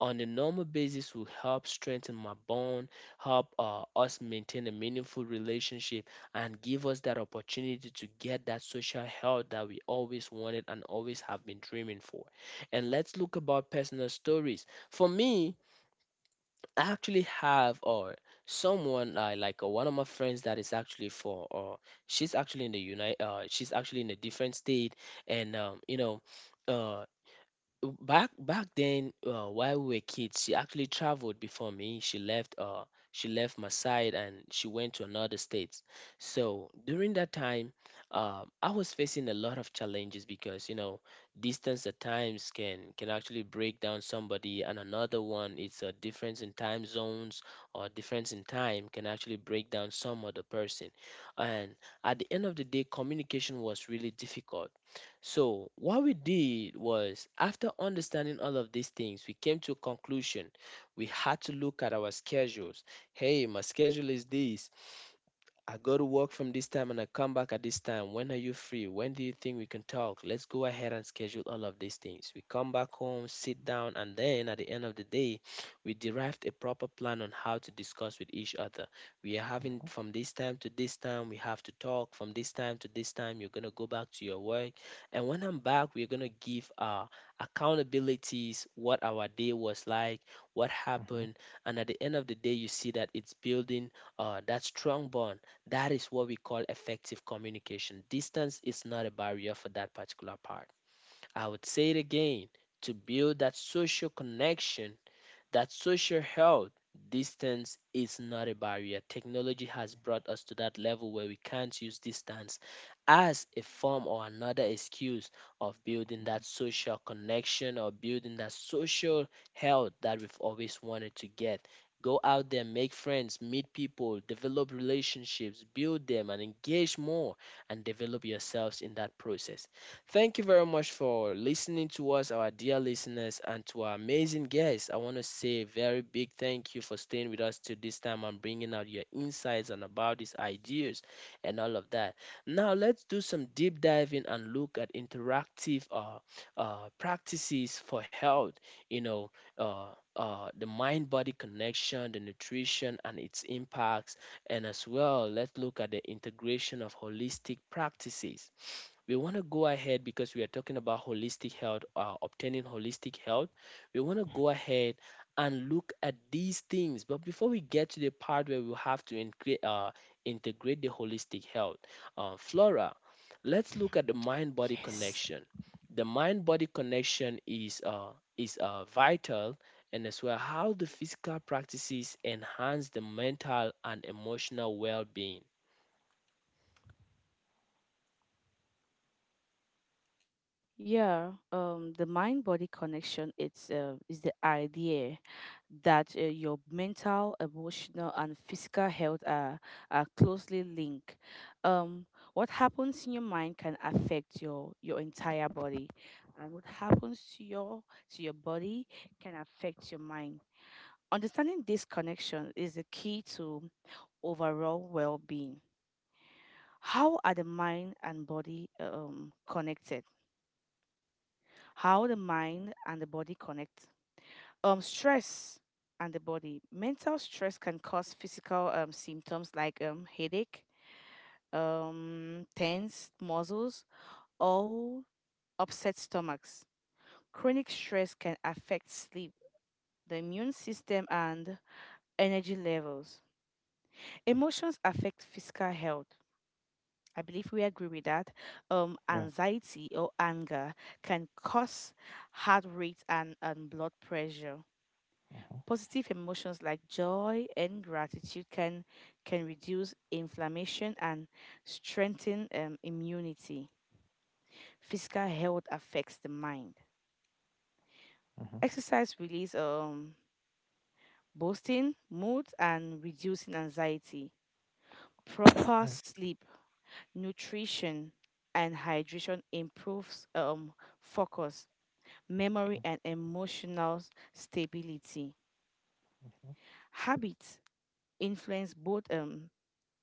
on a normal basis will help strengthen my bond, help us maintain a meaningful relationship, and give us that opportunity to get that social health that we always wanted and always have been dreaming for. And let's look about personal stories. For me, I actually have, or someone one of my friends that is actually for she's actually in the United she's actually in a different state. And you know. Uh, back then, while we were kids, she actually traveled before me. She left she left my side and she went to another state. So during that time, I was facing a lot of challenges, because you know, distance at times can actually break down somebody, and another one, it's a difference in time zones, or difference in time can actually break down some other person. And at the end of the day communication was really difficult. So, what we did was, after understanding all of these things, we came to a conclusion. We had to look at our schedules. Hey, my schedule is this. I go to work from this time and I come back at this time. When are you free? When do you think we can talk? Let's go ahead and schedule all of these things. We come back home, sit down, and then at the end of the day, we derived a proper plan on how to discuss with each other. We are having from this time to this time, we have to talk. From this time to this time, you're going to go back to your work. And when I'm back, we're going to give our accountabilities, what our day was like, what
uh-huh,
happened. And at the end of the day, you see that it's building that strong bond. That is what we call effective communication. Distance is not a barrier for that particular part. I would say it again, to build that social connection, that social health, distance is not a barrier. Technology has brought us to that level where we can't use distance as a form or another excuse of building that social connection or building that social health that we've always wanted to get. Go out there, make friends, meet people, develop relationships, build them, and engage more and develop yourselves in that process. Thank you very much for listening to us, our dear listeners, and to our amazing guests. I want to say a very big thank you for staying with us till this time and bringing out your insights and about these ideas and all of that. Now, let's do some deep diving and look at interactive practices for health, you know, uh, the mind body connection, the nutrition, and its impacts. And as well, let's look at the integration of holistic practices. We want to go ahead because we are talking about holistic health, obtaining holistic health. We want to go ahead and look at these things. But before we get to the part where we have to integrate, integrate the holistic health, Flora, let's look at the mind body
Yes.
connection. The mind body connection is, vital, and as well how the physical practices enhance the mental and emotional well being.
Yeah, the mind-body connection it's is the idea that your mental, emotional, and physical health are closely linked. Um, what happens in your mind can affect your entire body, and what happens to your body can affect your mind. Understanding this connection is the key to overall well-being. How are the mind and body connected? How the mind and the body connect. Stress and the body. Mental stress can cause physical symptoms like headache, tense muscles, or upset stomachs. Chronic stress can affect sleep, the immune system, and energy levels. Emotions affect physical health. I believe we agree with that.
yeah,
Anxiety or anger can cause heart rate and blood pressure.
uh-huh,
Positive emotions like joy and gratitude can reduce inflammation and strengthen immunity. Physical health affects the mind.
uh-huh,
Exercise release boosting mood and reducing anxiety. Proper
right,
sleep, nutrition, and hydration improves focus, memory, and emotional stability.
uh-huh,
Habits influence both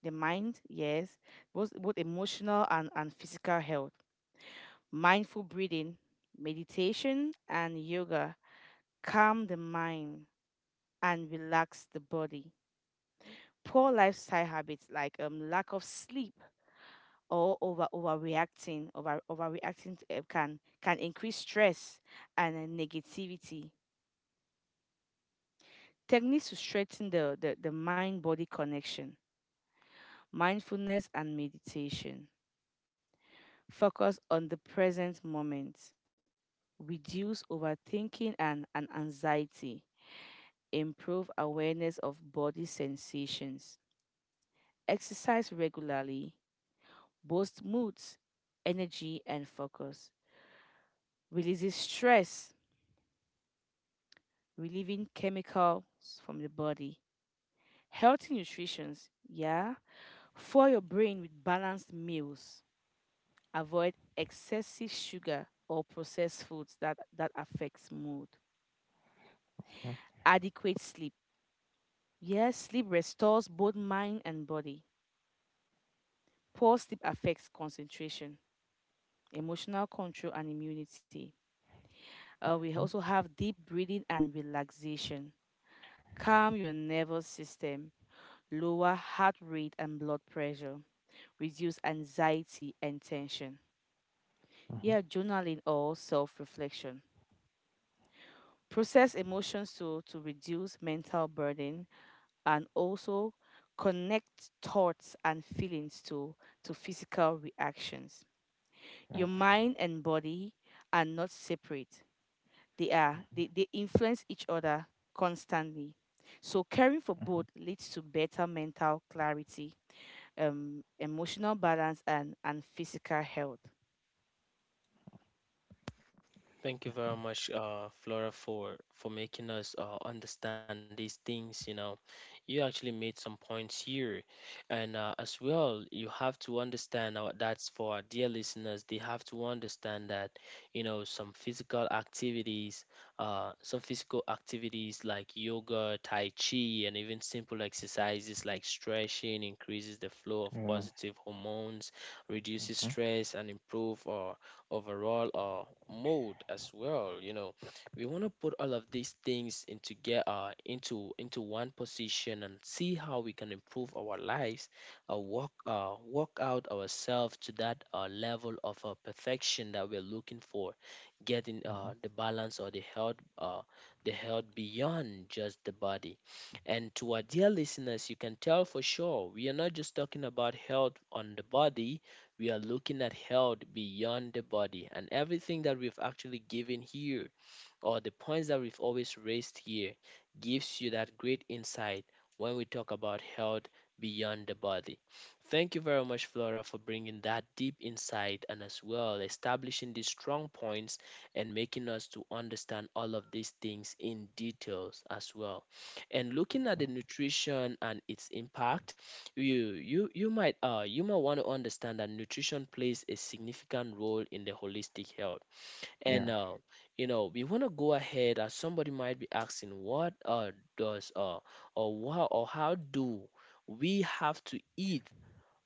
the mind, yes, both emotional and physical health. Mindful breathing, meditation, and yoga calm the mind and relax the body. Poor lifestyle habits like lack of sleep or overreacting to, can increase stress and negativity. Techniques to strengthen the mind body connection, mindfulness and meditation. Focus on the present moment, reduce overthinking and anxiety, improve awareness of body sensations, exercise regularly, boosts moods, energy, and focus, releases stress, relieving chemicals from the body, healthy nutrition, yeah, for your brain with balanced meals, avoid excessive sugar or processed foods that affects mood,
uh-huh,
adequate sleep. Yes, sleep restores both mind and body. Poor sleep affects concentration, emotional control, and immunity. We also have deep breathing and relaxation. Calm your nervous system, lower heart rate and blood pressure, reduce anxiety and tension.
uh-huh,
Yeah, journaling or self reflection. Process emotions to reduce mental burden and also connect thoughts and feelings to physical reactions.
yeah,
Your mind and body are not separate. They influence each other constantly. So caring for both leads to better mental clarity, emotional balance and physical health.
Thank you very much, Flora, for making us understand these things. You know, you actually made some points here, and as well, you have to understand that's for our dear listeners. They have to understand that you know some physical activities, like yoga, tai chi, and even simple exercises like stretching increases the flow of
yeah,
positive hormones, reduces
uh-huh,
stress, and improve overall. Mode as well, you know, we want to put all of these things into together into one position and see how we can improve our lives, work out ourselves to that level of perfection that we're looking for, getting
uh-huh,
the balance or the health, the health beyond just the body. And to our dear listeners, you can tell for sure we are not just talking about health on the body, we are looking at health beyond the body, and everything that we've actually given here, or the points that we've always raised here, gives you that great insight when we talk about health beyond the body. Thank you very much, Flora, for bringing that deep insight and as well establishing these strong points and making us to understand all of these things in details as well. And looking at the nutrition and its impact, you might you might want to understand that nutrition plays a significant role in the holistic health, and
yeah,
you know, we want to go ahead. Somebody might be asking, what does or wha or how do we have to eat,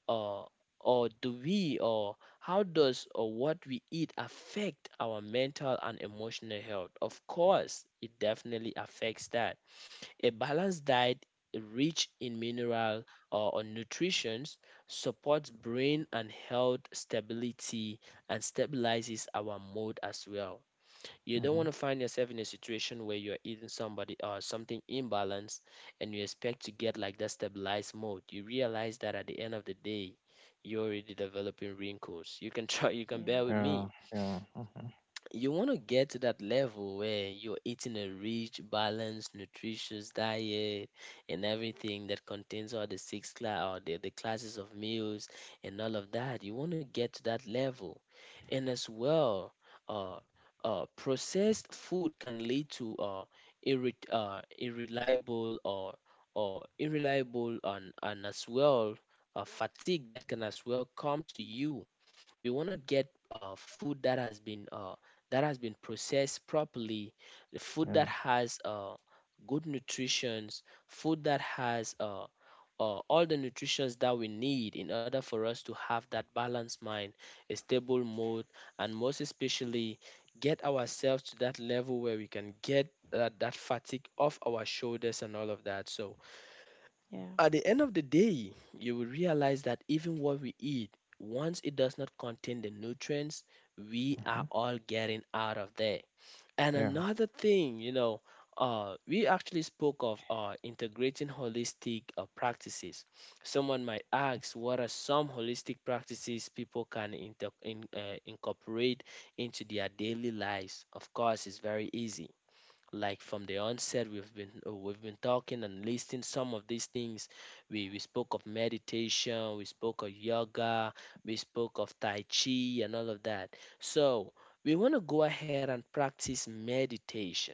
uh or do we or how does what we eat affect our mental and emotional health? Of course, it definitely affects that. A balanced diet rich in mineral or nutrition supports brain and health stability and stabilizes our mood as well. You don't want
uh-huh,
to find yourself in a situation where you're eating somebody or something imbalanced and you expect to get like that stabilized mode. You realize that at the end of the day, you're already developing wrinkles. You can try, you can
Yeah,
bear
yeah,
with
yeah,
me.
uh-huh, yeah, uh-huh,
You want to get to that level where you're eating a rich, balanced, nutritious diet and everything that contains all the 6 class or the classes of meals and all of that. You want to get to that level. And as well, uh, processed food can lead to irreliable or unreliable and as well fatigue that can as well come to you. We want to get food that has been processed properly, the food that has good nutritions, food that has all the nutritions that we need in order for us to have that balanced mind, a stable mood, and most especially get ourselves to that level where we can get that fatigue off our shoulders and all of that. So at the end of the day, you will realize that even what we eat, once it does not contain the nutrients, we are all getting out of there. And
yeah,
another thing, we actually spoke of integrating holistic practices. Someone might ask, what are some holistic practices people can incorporate into their daily lives? Of course, it's very easy. Like from the onset, we've been talking and listing some of these things. We spoke of meditation, we spoke of yoga, we spoke of tai chi and all of that. So we want to go ahead and practice meditation,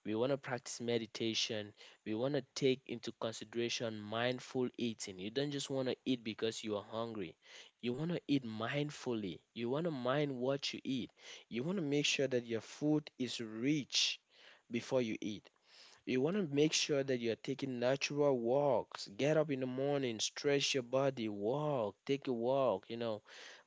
we want to practice meditation, we want to take into consideration mindful eating. You don't just want to eat because you are hungry, you want to eat mindfully, you want to mind what you eat, you want to make sure that your food is rich before you eat. You want to make sure that you're taking natural walks. Get up in the morning, stretch your body, walk, take a walk,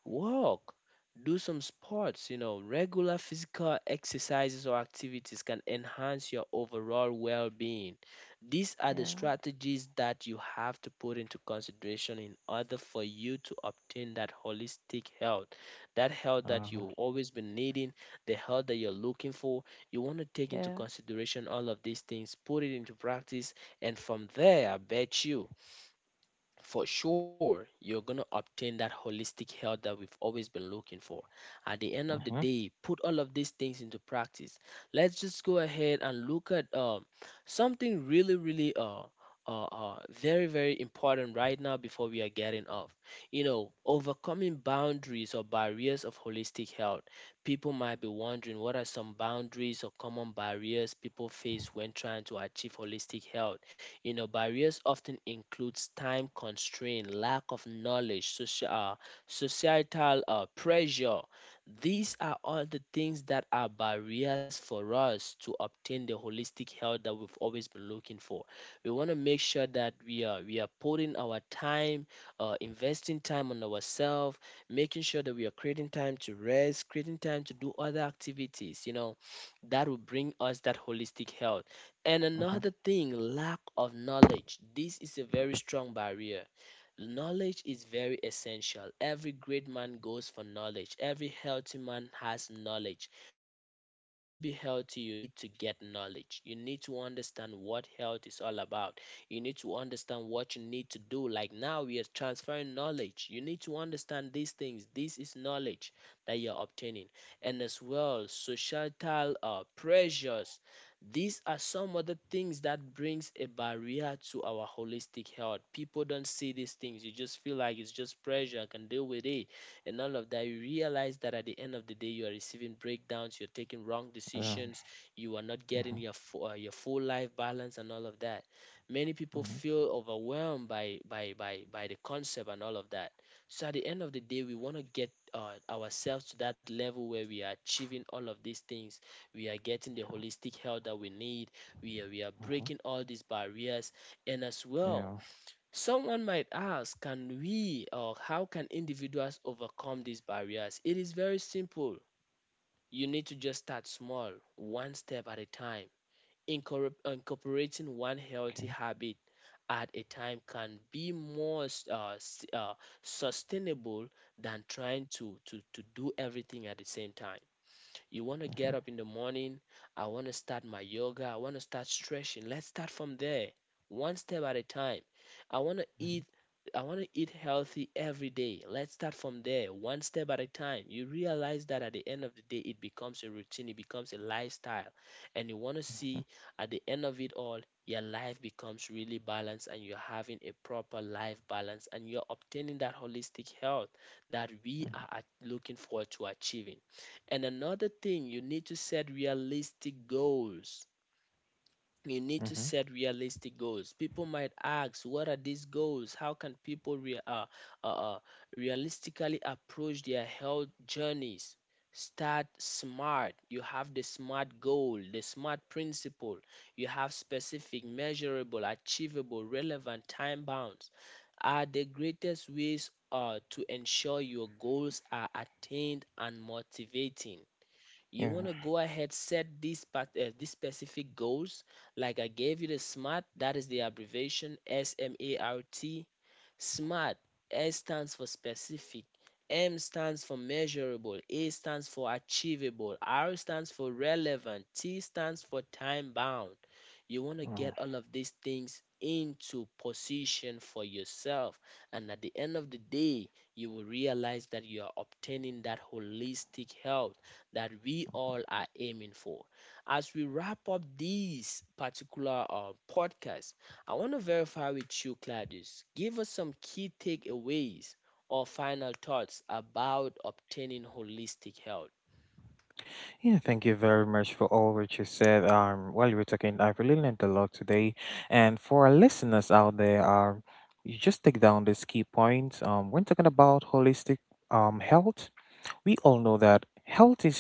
walk, do some sports, regular physical exercises or activities can enhance your overall well being. These are
yeah,
the
yeah,
strategies that you have to put into consideration in order for you to obtain that holistic health that
uh-huh,
you've always been needing, the health that you're looking for. You want to take into
yeah.
consideration all of these things, put it into practice, and from there, I bet you, for sure you're going to obtain that holistic health that we've always been looking for. At the end of the
uh-huh,
day, put all of these things into practice. Let's just go ahead and look at something really really very very important right now before we are getting off. You know, overcoming boundaries or barriers of holistic health, people might be wondering, what are some boundaries or common barriers people face when trying to achieve holistic health? You know, barriers often includes time constraint, lack of knowledge, social, societal pressure. These are all the things that are barriers for us to obtain the holistic health that we've always been looking for. We want to make sure that we are putting our time, investing time on ourselves, making sure that we are creating time to rest, creating time to do other activities. You know, that will bring us that holistic health. And another thing, lack of knowledge. This is a very strong barrier. Knowledge is very essential. Every great man goes for knowledge. Every healthy man has knowledge. For you to be healthy, you need to get knowledge. You need to understand what health is all about. You need to understand what you need to do. Like now, we are transferring knowledge. You need to understand these things. This is knowledge that you're obtaining. And as well, societal pressures, these are some other things that brings a barrier to our holistic health. People don't see these things. You just feel like it's just pressure. I can deal with it, and all of that. You realize that at the end of the day, you are receiving breakdowns. You're taking wrong decisions. You are not
yeah,
getting your your full life balance and all of that. Many people
uh-huh,
feel overwhelmed by the concept and all of that. So at the end of the day, we want to get ourselves to that level where we are achieving all of these things, we are getting the holistic health that we need, we are
uh-huh.
breaking all these barriers. And as well,
Yeah.
someone might ask, can we, or how can individuals overcome these barriers? It is very simple. You need to just start small, one step at a time. Incorporating one healthy
Okay.
habit at a time can be more sustainable than trying to do everything at the same time. You want to
Uh huh.
get up in the morning. I want to start my yoga. I want to start stretching. Let's start from there, one step at a time. I want to
Mhm,
eat. I want to eat healthy every day. Let's start from there, one step at a time. You realize that at the end of the day, it becomes a routine, it becomes a lifestyle. And you want to
mhm,
see at the end of it all, your life becomes really balanced and you're having a proper life balance and you're obtaining that holistic health that
mhm,
we are looking forward to achieving. And another thing, you need to set realistic goals. You need to
mhm.
set realistic goals. People might ask, what are these goals? How can people uh, uh, realistically approach their health journeys? Start smart. You have the SMART goal, the SMART principle. You have specific, measurable, achievable, relevant, time bound, are the greatest ways to ensure your goals are attained and motivating. You
Yeah.
want to go ahead, set these specific goals. Like I gave you the SMART, that is the abbreviation, S M A R T, SMART. S stands for specific, M stands for measurable, A stands for achievable, R stands for relevant, T stands for time bound. You want to
Oh.
get all of these things into position for yourself, and at the end of the day, you will realize that you are obtaining that holistic health that we all are aiming for. As we wrap up this particular podcast, I want to verify with you, Claudius. Give us some key takeaways or final thoughts about obtaining holistic health.
Yeah, thank you very much for all what you said. While you were talking, I really learned a lot today. And for our listeners out there, you just take down this key point. When talking about holistic health, we all know that health is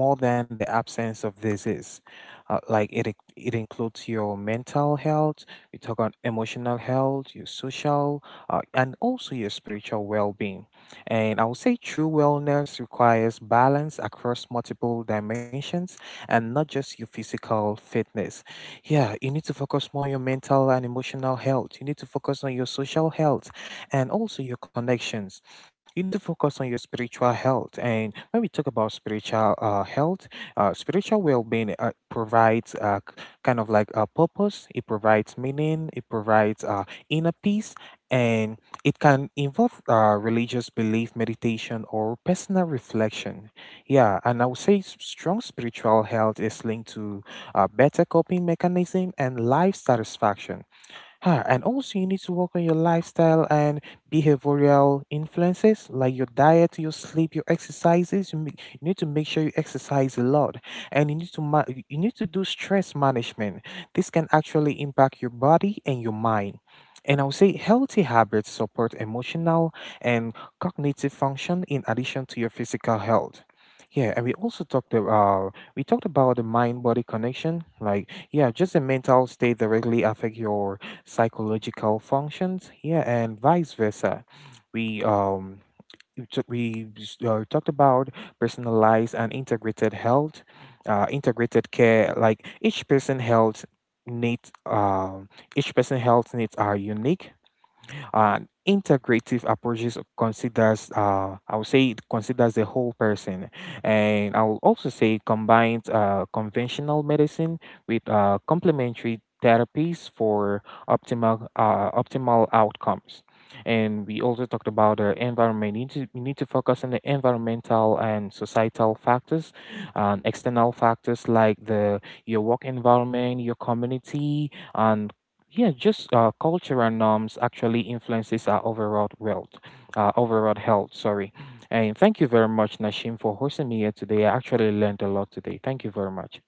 more than the absence of disease. It includes your mental health, we talk on emotional health, your social, and also your spiritual well being. And I would say true wellness requires balance across multiple dimensions, and not just your physical fitness. Yeah, you need to focus more on your mental and emotional health. You need to focus on your social health and also your connections. You need to focus on your spiritual health. And when we talk about spiritual health, spiritual well-being provides kind of like a purpose. It provides meaning. It provides inner peace, and it can involve religious belief, meditation, or personal reflection. Yeah, and I would say strong spiritual health is linked to better coping mechanism and life satisfaction. Huh, and also, you need to work on your lifestyle and behavioral influences, like your diet, your sleep, your exercises. You need to make sure you exercise a lot, and you need to you need to do stress management. This can actually impact your body and your mind. And I would say healthy habits support emotional and cognitive function in addition to your physical health. Yeah, and we also talked about the mind body connection. Like, yeah, just the mental state directly affect your psychological functions, yeah, and vice versa. We um we took- we s- uh, talked about personalized and integrated health, integrated care. Like each person health needs each person health needs are unique. An integrative approaches considers, I would say, it considers the whole person, and I will also say it combines conventional medicine with complementary therapies for optimal outcomes. And we also talked about the environment. You need to focus on the environmental and societal factors, and external factors like the your work environment, your community, and yeah, just culture and norms actually influences our overall wealth, overall health, sorry. And thank you very much, Nashim, for hosting me here today. I actually learned a lot today. Thank you very much.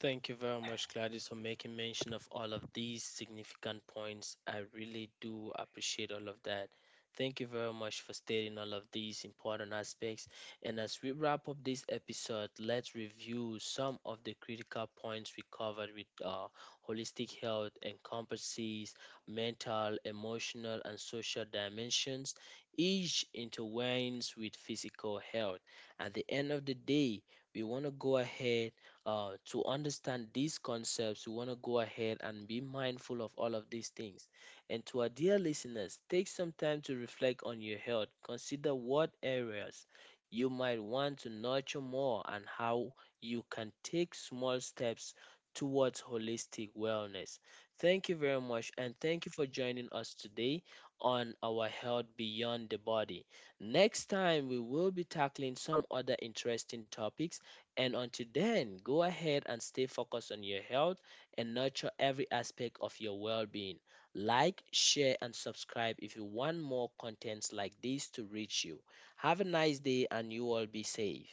Thank you very much, Gladys, for making mention of all of these significant points. I really do appreciate all of that. Thank you very much for stating all of these important aspects. And as we wrap up this episode, let's review some of the critical points we covered with. Holistic health encompasses mental, emotional, and social dimensions, each intertwines with physical health. At the end of the day, we want to go ahead to understand these concepts, we want to go ahead and be mindful of all of these things. And to our dear listeners, take some time to reflect on your health. Consider what areas you might want to nurture more and how you can take small steps towards holistic wellness. Thank you very much, and thank you for joining us today on our health beyond the body. Next time, we will be tackling some other interesting topics, and until then, go ahead and stay focused on your health and nurture every aspect of your well being. Like, share, and subscribe if you want more contents like this to reach you. Have a nice day and you all be safe.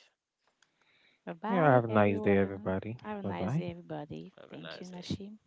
Bye
Yeah, have
bye,
a nice day,
everyone.
everybody.
Have a
Bye
nice
bye.
day, everybody.
Have a
Thank you,
nice day.
Nashim.